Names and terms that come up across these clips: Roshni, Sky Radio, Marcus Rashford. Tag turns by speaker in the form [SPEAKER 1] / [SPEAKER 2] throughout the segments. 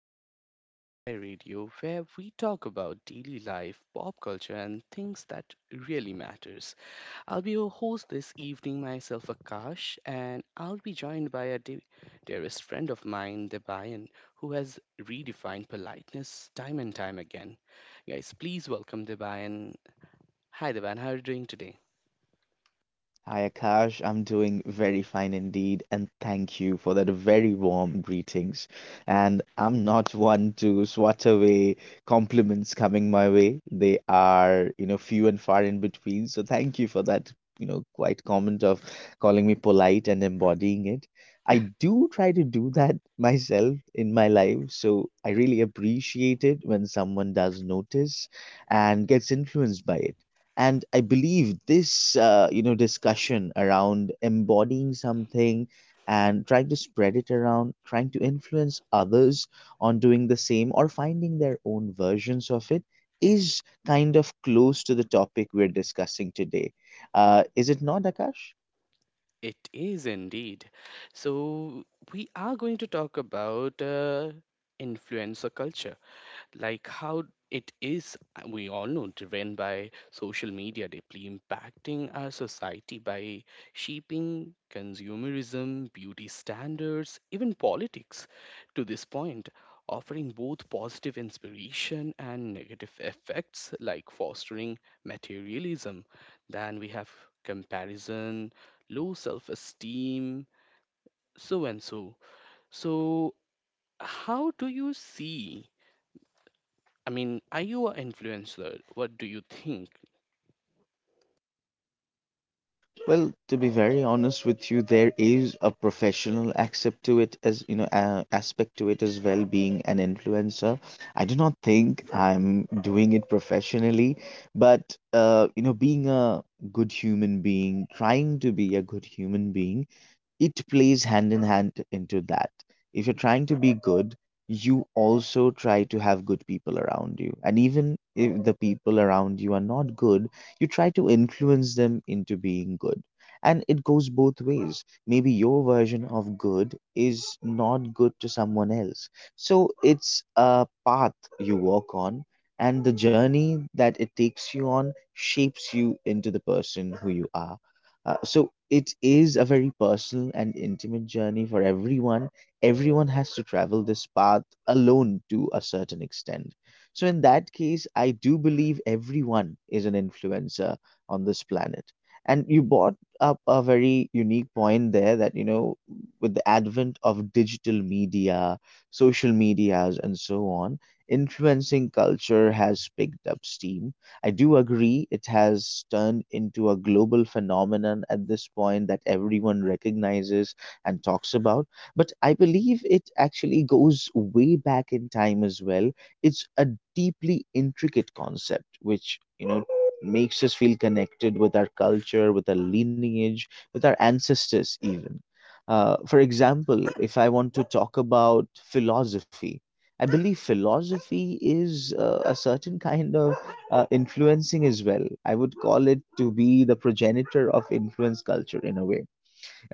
[SPEAKER 1] guys. Welcome to Sky Radio, where we talk about daily life, pop culture, and things that really matters. I'll be your host this evening myself, Akash, and I'll be joined by a dearest friend of mine, Debayan, who has redefined politeness time and time again. Guys, please welcome Debayan. Hi, Debayan. How are you doing today?
[SPEAKER 2] Hi Akash, I'm doing very fine indeed, and thank you for that very warm greetings. And I'm not one to swat away compliments coming my way. They are, you know, few and far in between. So thank you for that, you know, quite comment of calling me polite and embodying it. I do try to do that myself in my life, so I really appreciate it when someone does notice and gets influenced by it. And I believe this you know, discussion around embodying something and trying to spread it around, trying to influence others on doing the same or finding their own versions of it is kind of close to the topic we're discussing today. Is it not, Akash?
[SPEAKER 1] It is indeed. So we are going to talk about. Influencer culture, like how it is, we all know, driven by social media, deeply impacting our society by shaping consumerism, beauty standards, even politics to this point, offering both positive inspiration and negative effects like fostering materialism. Then we have comparison, low self-esteem, so and so. so how do you see? I mean, are you an influencer? What do you think?
[SPEAKER 2] Well, to be very honest with you, there is a professional aspect to it as you know, aspect to it as well, being an influencer. I do not think I'm doing it professionally, but you know, being a good human being, trying to be a good human being, it plays hand in hand into that. If you're trying to be good, you also try to have good people around you. And even if the people around you are not good, you try to influence them into being good. And it goes both ways. Maybe your version of good is not good to someone else. So it's a path you walk on, and the journey that it takes you on shapes you into the person who you are. So it is a very personal and intimate journey for everyone. Everyone has to travel this path alone to a certain extent. So, in that case, I do believe everyone is an influencer on this planet. And you brought up a very unique point there that, you know, with the advent of digital media, social medias, and so on, influencing culture has picked up steam. I do agree it has turned into a global phenomenon at this point that everyone recognizes and talks about. But I believe it actually goes way back in time as well. It's a deeply intricate concept, which, you know, makes us feel connected with our culture, with our lineage, with our ancestors, even. For example, if I want to talk about philosophy, I believe philosophy is a certain kind of influencing as well. I would call it to be the progenitor of influence culture in a way.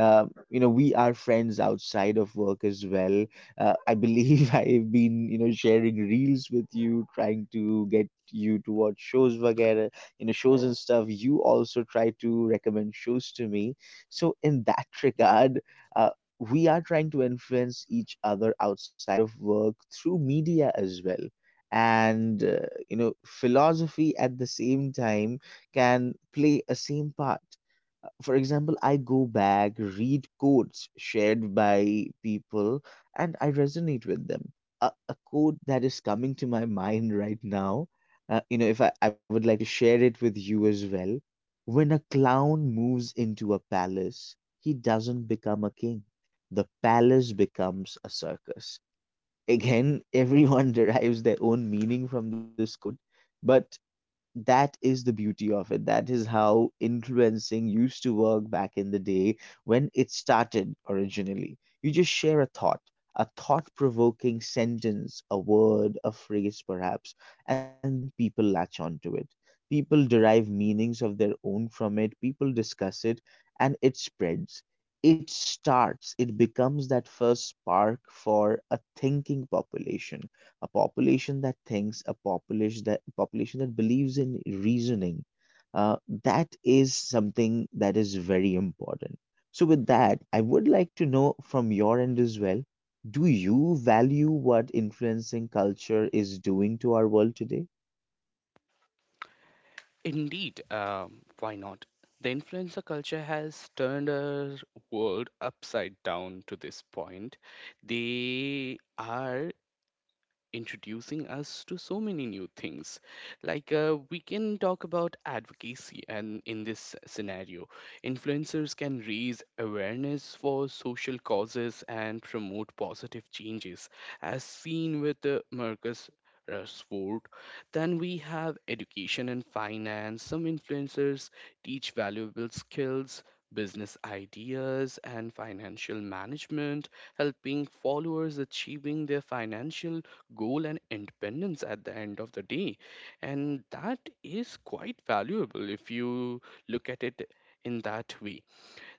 [SPEAKER 2] You know, we are friends outside of work as well. I believe I've been, you know, sharing reels with you, trying to get you to watch shows vagera, you know, shows and stuff. You also try to recommend shows to me, so in that regard, uh, we are trying to influence each other outside of work through media as well. And you know, philosophy at the same time can play a same part. For example, I go back, read quotes shared by people, and I resonate with them. A quote that is coming to my mind right now, you know, if I would like to share it with you as well. When a clown moves into a palace, he doesn't become a king. The palace becomes a circus. Again, everyone derives their own meaning from this quote, but that is the beauty of it. That is how influencing used to work back in the day when it started originally. You just share a thought provoking sentence, a word, a phrase perhaps, and then people latch onto it. People derive meanings of their own from it, people discuss it, and it spreads. It starts, it becomes that first spark for a thinking population, a population that thinks, a population that believes in reasoning. Uh, that is something that is very important. So, with that, I would like to know from your end as well. Do you value what influencing culture is doing to our world today?
[SPEAKER 1] Indeed, why not? The influencer culture has turned our world upside down to this point. They are introducing us to so many new things. Like, we can talk about advocacy, and in this scenario, influencers can raise awareness for social causes and promote positive changes, as seen with Marcus Rashford. Then we have education and finance. Some influencers teach valuable skills, business ideas, and financial management, helping followers achieving their financial goal and independence at the end of the day. And that is quite valuable if you look at it in that way.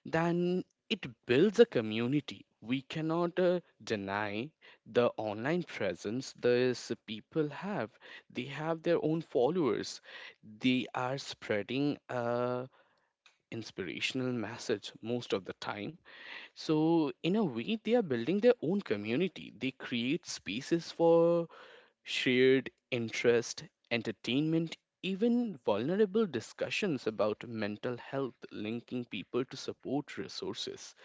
[SPEAKER 1] Then it builds a community. We cannot deny the online presence these people have. They have their own followers. They are spreading a inspirational message most of the time. So in a way they are building their own community. They create spaces for shared interest, entertainment, even vulnerable discussions about mental health, linking people to support resources.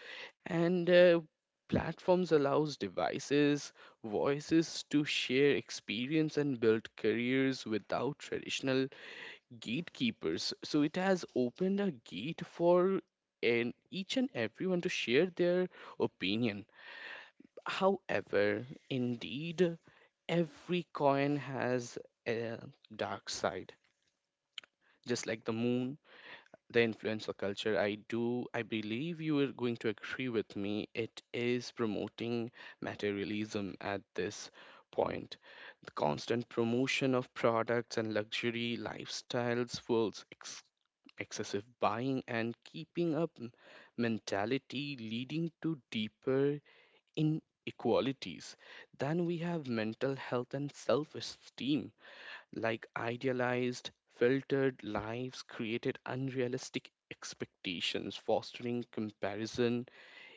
[SPEAKER 1] And platforms allows devices, voices to share experience and build careers without traditional gatekeepers. So it has opened a gate for and each and everyone to share their opinion. However, indeed, every coin has a dark side, just like the moon. The influencer culture, I believe you are going to agree with me, it is promoting materialism at this point. The constant promotion of products and luxury lifestyles fuels excessive buying and keeping up mentality, leading to deeper inequalities. Then we have mental health and self-esteem. Like idealized, filtered lives created unrealistic expectations, fostering comparison,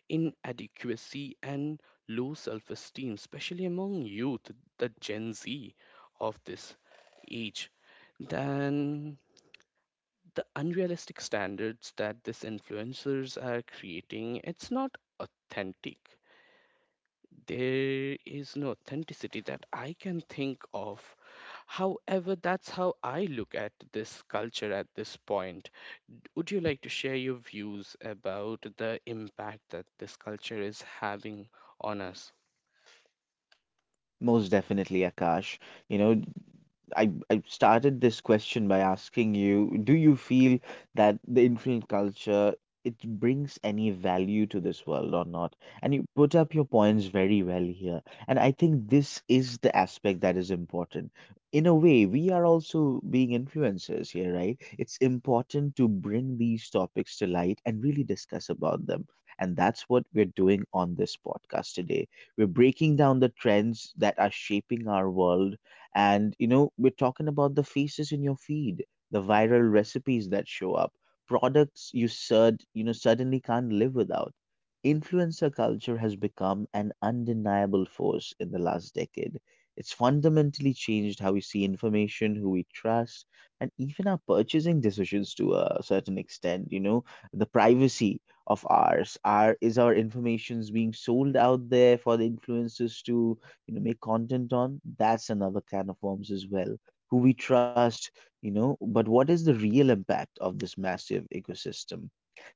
[SPEAKER 1] inadequacy, and low self esteem, especially among youth, the Gen Z of this age. Then the unrealistic standards that these influencers are creating, it's not authentic. There is no authenticity that I can think of. However, that's how I look at this culture at this point. Would you like to share your views about the impact that this culture is having on us?
[SPEAKER 2] Most definitely, Akash. You know, I started this question by asking you, do you feel that the influence culture, it brings any value to this world or not? And you put up your points very well here. And I think this is the aspect that is important. In a way, we are also being influencers here, right? It's important to bring these topics to light and really discuss about them. And that's what we're doing on this podcast today. We're breaking down the trends that are shaping our world, and you know, we're talking about the faces in your feed, the viral recipes that show up, products you sud you know suddenly can't live without. Influencer culture has become an undeniable force in the last decade. It's fundamentally changed how we see information, who we trust, and even our purchasing decisions to a certain extent. You know, the privacy of ours, our information's being sold out there for the influencers to, you know, make content on. That's another can of worms as well. Who we trust, you know, but what is the real impact of this massive ecosystem?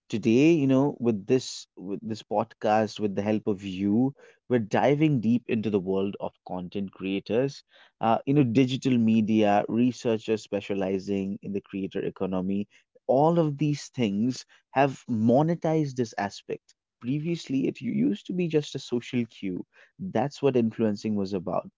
[SPEAKER 2] Today, you know, with this podcast, with the help of you, we're diving deep into the world of content creators. You know, digital media, researchers specializing in the creator economy, all of these things have monetized this aspect. Previously, it used to be just a social cue. That's what influencing was about.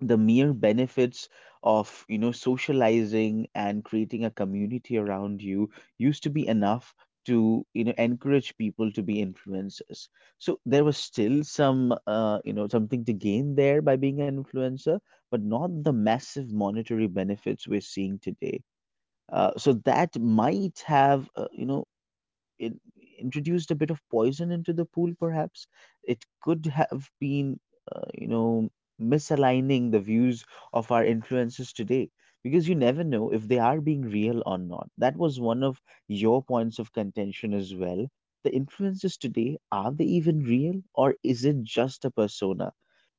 [SPEAKER 2] The mere benefits of, you know, socializing and creating a community around you used to be enough to, you know, encourage people to be influencers. So there was still some you know, something to gain there by being an influencer, but not the massive monetary benefits we're seeing today. So that might have you know, introduced a bit of poison into the pool, perhaps. It could have been, you know, misaligning the views of our influencers today, because you never know if they are being real or not. That was one of your points of contention as well. The influencers today, are they even real, or is it just a persona?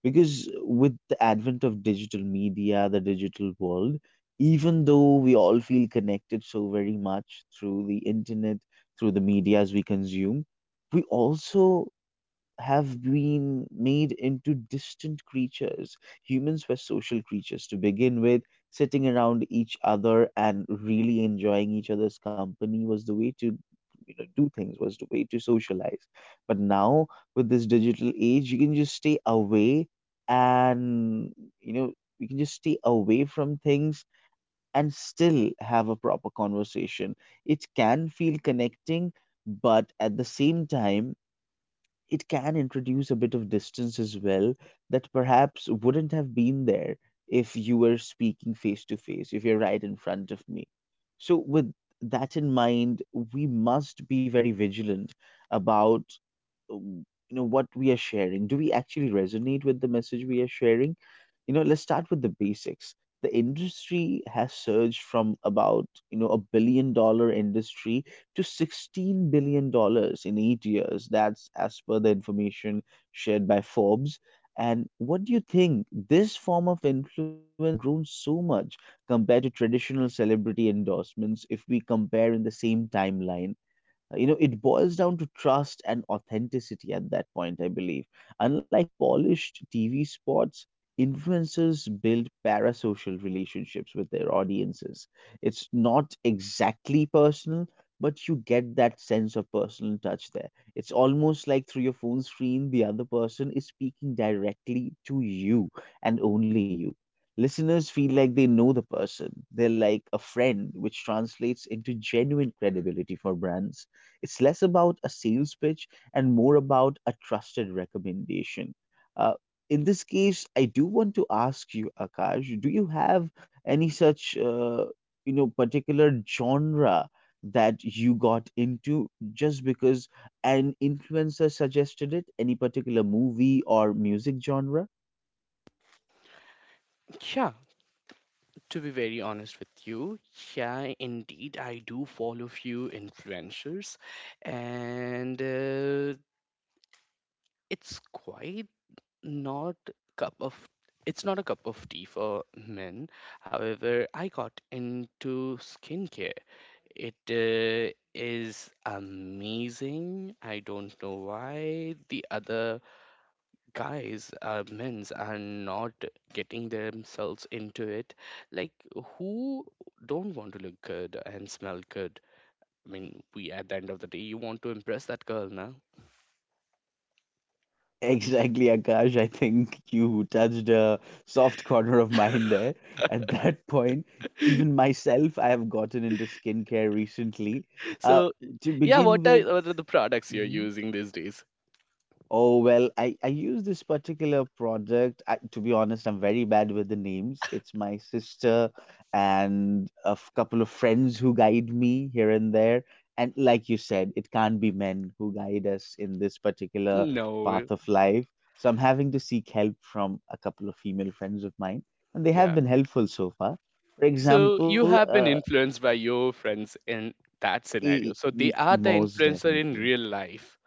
[SPEAKER 2] Because with the advent of digital media, the digital world, even though we all feel connected so very much through the internet, through the medias we consume, we also have been made into distant creatures. Humans were social creatures to begin with. Sitting around each other and really enjoying each other's company was the way to, you know, do things, was the way to socialize. But now with this digital age, you can just stay away, and you know, we can just stay away from things and still have a proper conversation. It can feel connecting, but at the same time, it can introduce a bit of distance as well that perhaps wouldn't have been there if you were speaking face to face, if you're right in front of me. So, with that in mind, we must be very vigilant about you know, what we are sharing. Do we actually resonate with the message we are sharing? You know, let's start with the basics. The industry has surged from about, you know, $1 billion industry to $16 billion dollars in 8 years. That's as per the information shared by Forbes. And what do you think? This form of influence has grown so much compared to traditional celebrity endorsements if we compare in the same timeline. You know, it boils down to trust and authenticity at that point, I believe. Unlike polished TV spots, influencers build parasocial relationships with their audiences. It's not exactly personal, but you get that sense of personal touch there. It's almost like through your phone screen the other person is speaking directly to you and only you. Listeners feel like they know the person, they're like a friend, which translates into genuine credibility for brands. It's less about a sales pitch and more about a trusted recommendation. Uh, in this case, I do want to ask you, Akash, do you have any such, you know, particular genre that you got into just because an influencer suggested it? Any particular movie or music genre?
[SPEAKER 1] Yeah, to be very honest with you, yeah, indeed, I do follow few influencers, and it's quite not cup of it's not a cup of tea for men. However, I got into skincare. It is amazing. I don't know why the other guys, men's, are not getting themselves into it. Like, who don't want to look good and smell good? I mean, we at the end of the day, you want to impress that girl now.
[SPEAKER 2] Exactly, Akash. I think you touched a soft corner of mine there. At that point, even myself, I have gotten into skincare recently. Uh,
[SPEAKER 1] So,
[SPEAKER 2] to
[SPEAKER 1] yeah,
[SPEAKER 2] begin
[SPEAKER 1] what
[SPEAKER 2] with,
[SPEAKER 1] are, what are the products you're
[SPEAKER 2] mm-hmm.
[SPEAKER 1] using these days?
[SPEAKER 2] Oh well, I use this particular product. I, to be honest, I'm very bad with the names. It's my sister and couple of friends who guide me here and there. And like you said, it can't be men who guide us in this particular
[SPEAKER 1] No, eh,
[SPEAKER 2] path of life. So I'm having to seek help from a couple of female friends of mine, and they have
[SPEAKER 1] yeah.
[SPEAKER 2] been helpful so far. For
[SPEAKER 1] So you
[SPEAKER 2] example,
[SPEAKER 1] have been influenced by your friends in that scenario. So they are the
[SPEAKER 2] most
[SPEAKER 1] influencer in
[SPEAKER 2] definitely.
[SPEAKER 1] real life.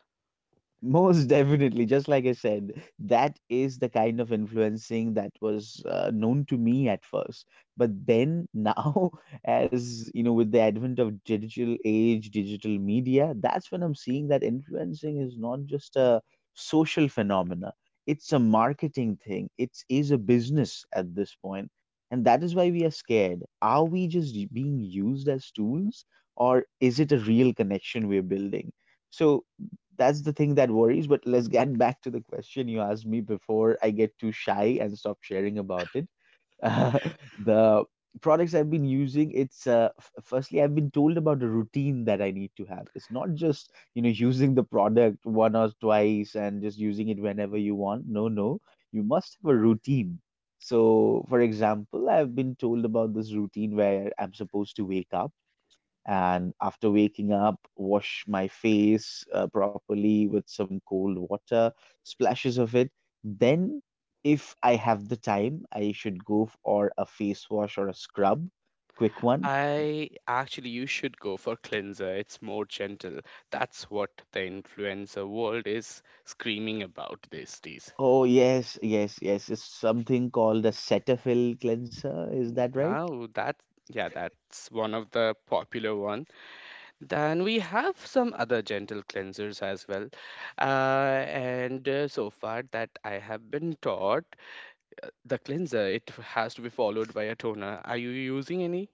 [SPEAKER 2] Most definitely, just like I said, that is the kind of influencing that was known to me at first. But then now, as you know, with the advent of digital age, digital media, that's when I'm seeing that influencing is not just a social phenomena. It's a marketing thing. It is a business at this point. And that is why we are scared. Are we just being used as tools, or is it a real connection we're building? So that's the thing that worries, but let's get back to the question you asked me before I get too shy and stop sharing about it. Uh, the products I've been using, it's firstly, I've been told about a routine that I need to have. It's not just, you know, using the product one or twice and just using it whenever you want. No, no, you must have a routine. So, for example, I've been told about this routine where I'm supposed to wake up
[SPEAKER 1] I actually, you should go for cleanser. It's more gentle. That's what the influencer world is screaming about these days. Now that, yeah, that's one of the popular one. Then we have some other gentle cleansers as well. And so far that I have been taught. The cleanser, it has to be followed by a toner. Are you using any?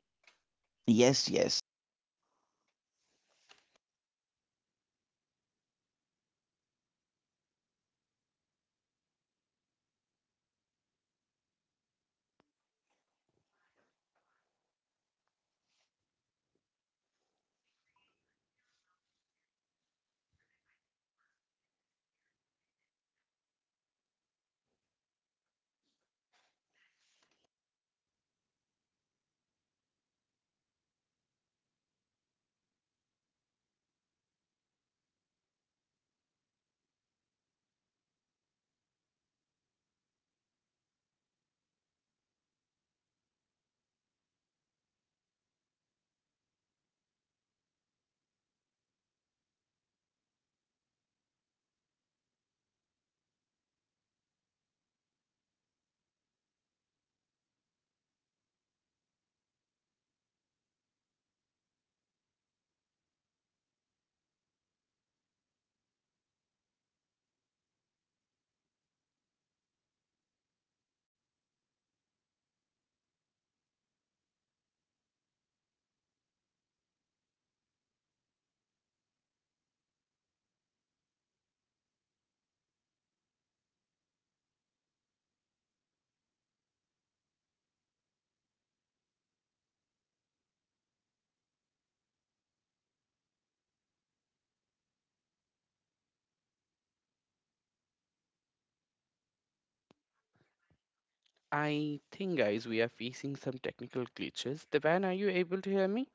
[SPEAKER 1] I think, guys, we are facing some technical glitches. Devan, are you able to hear me?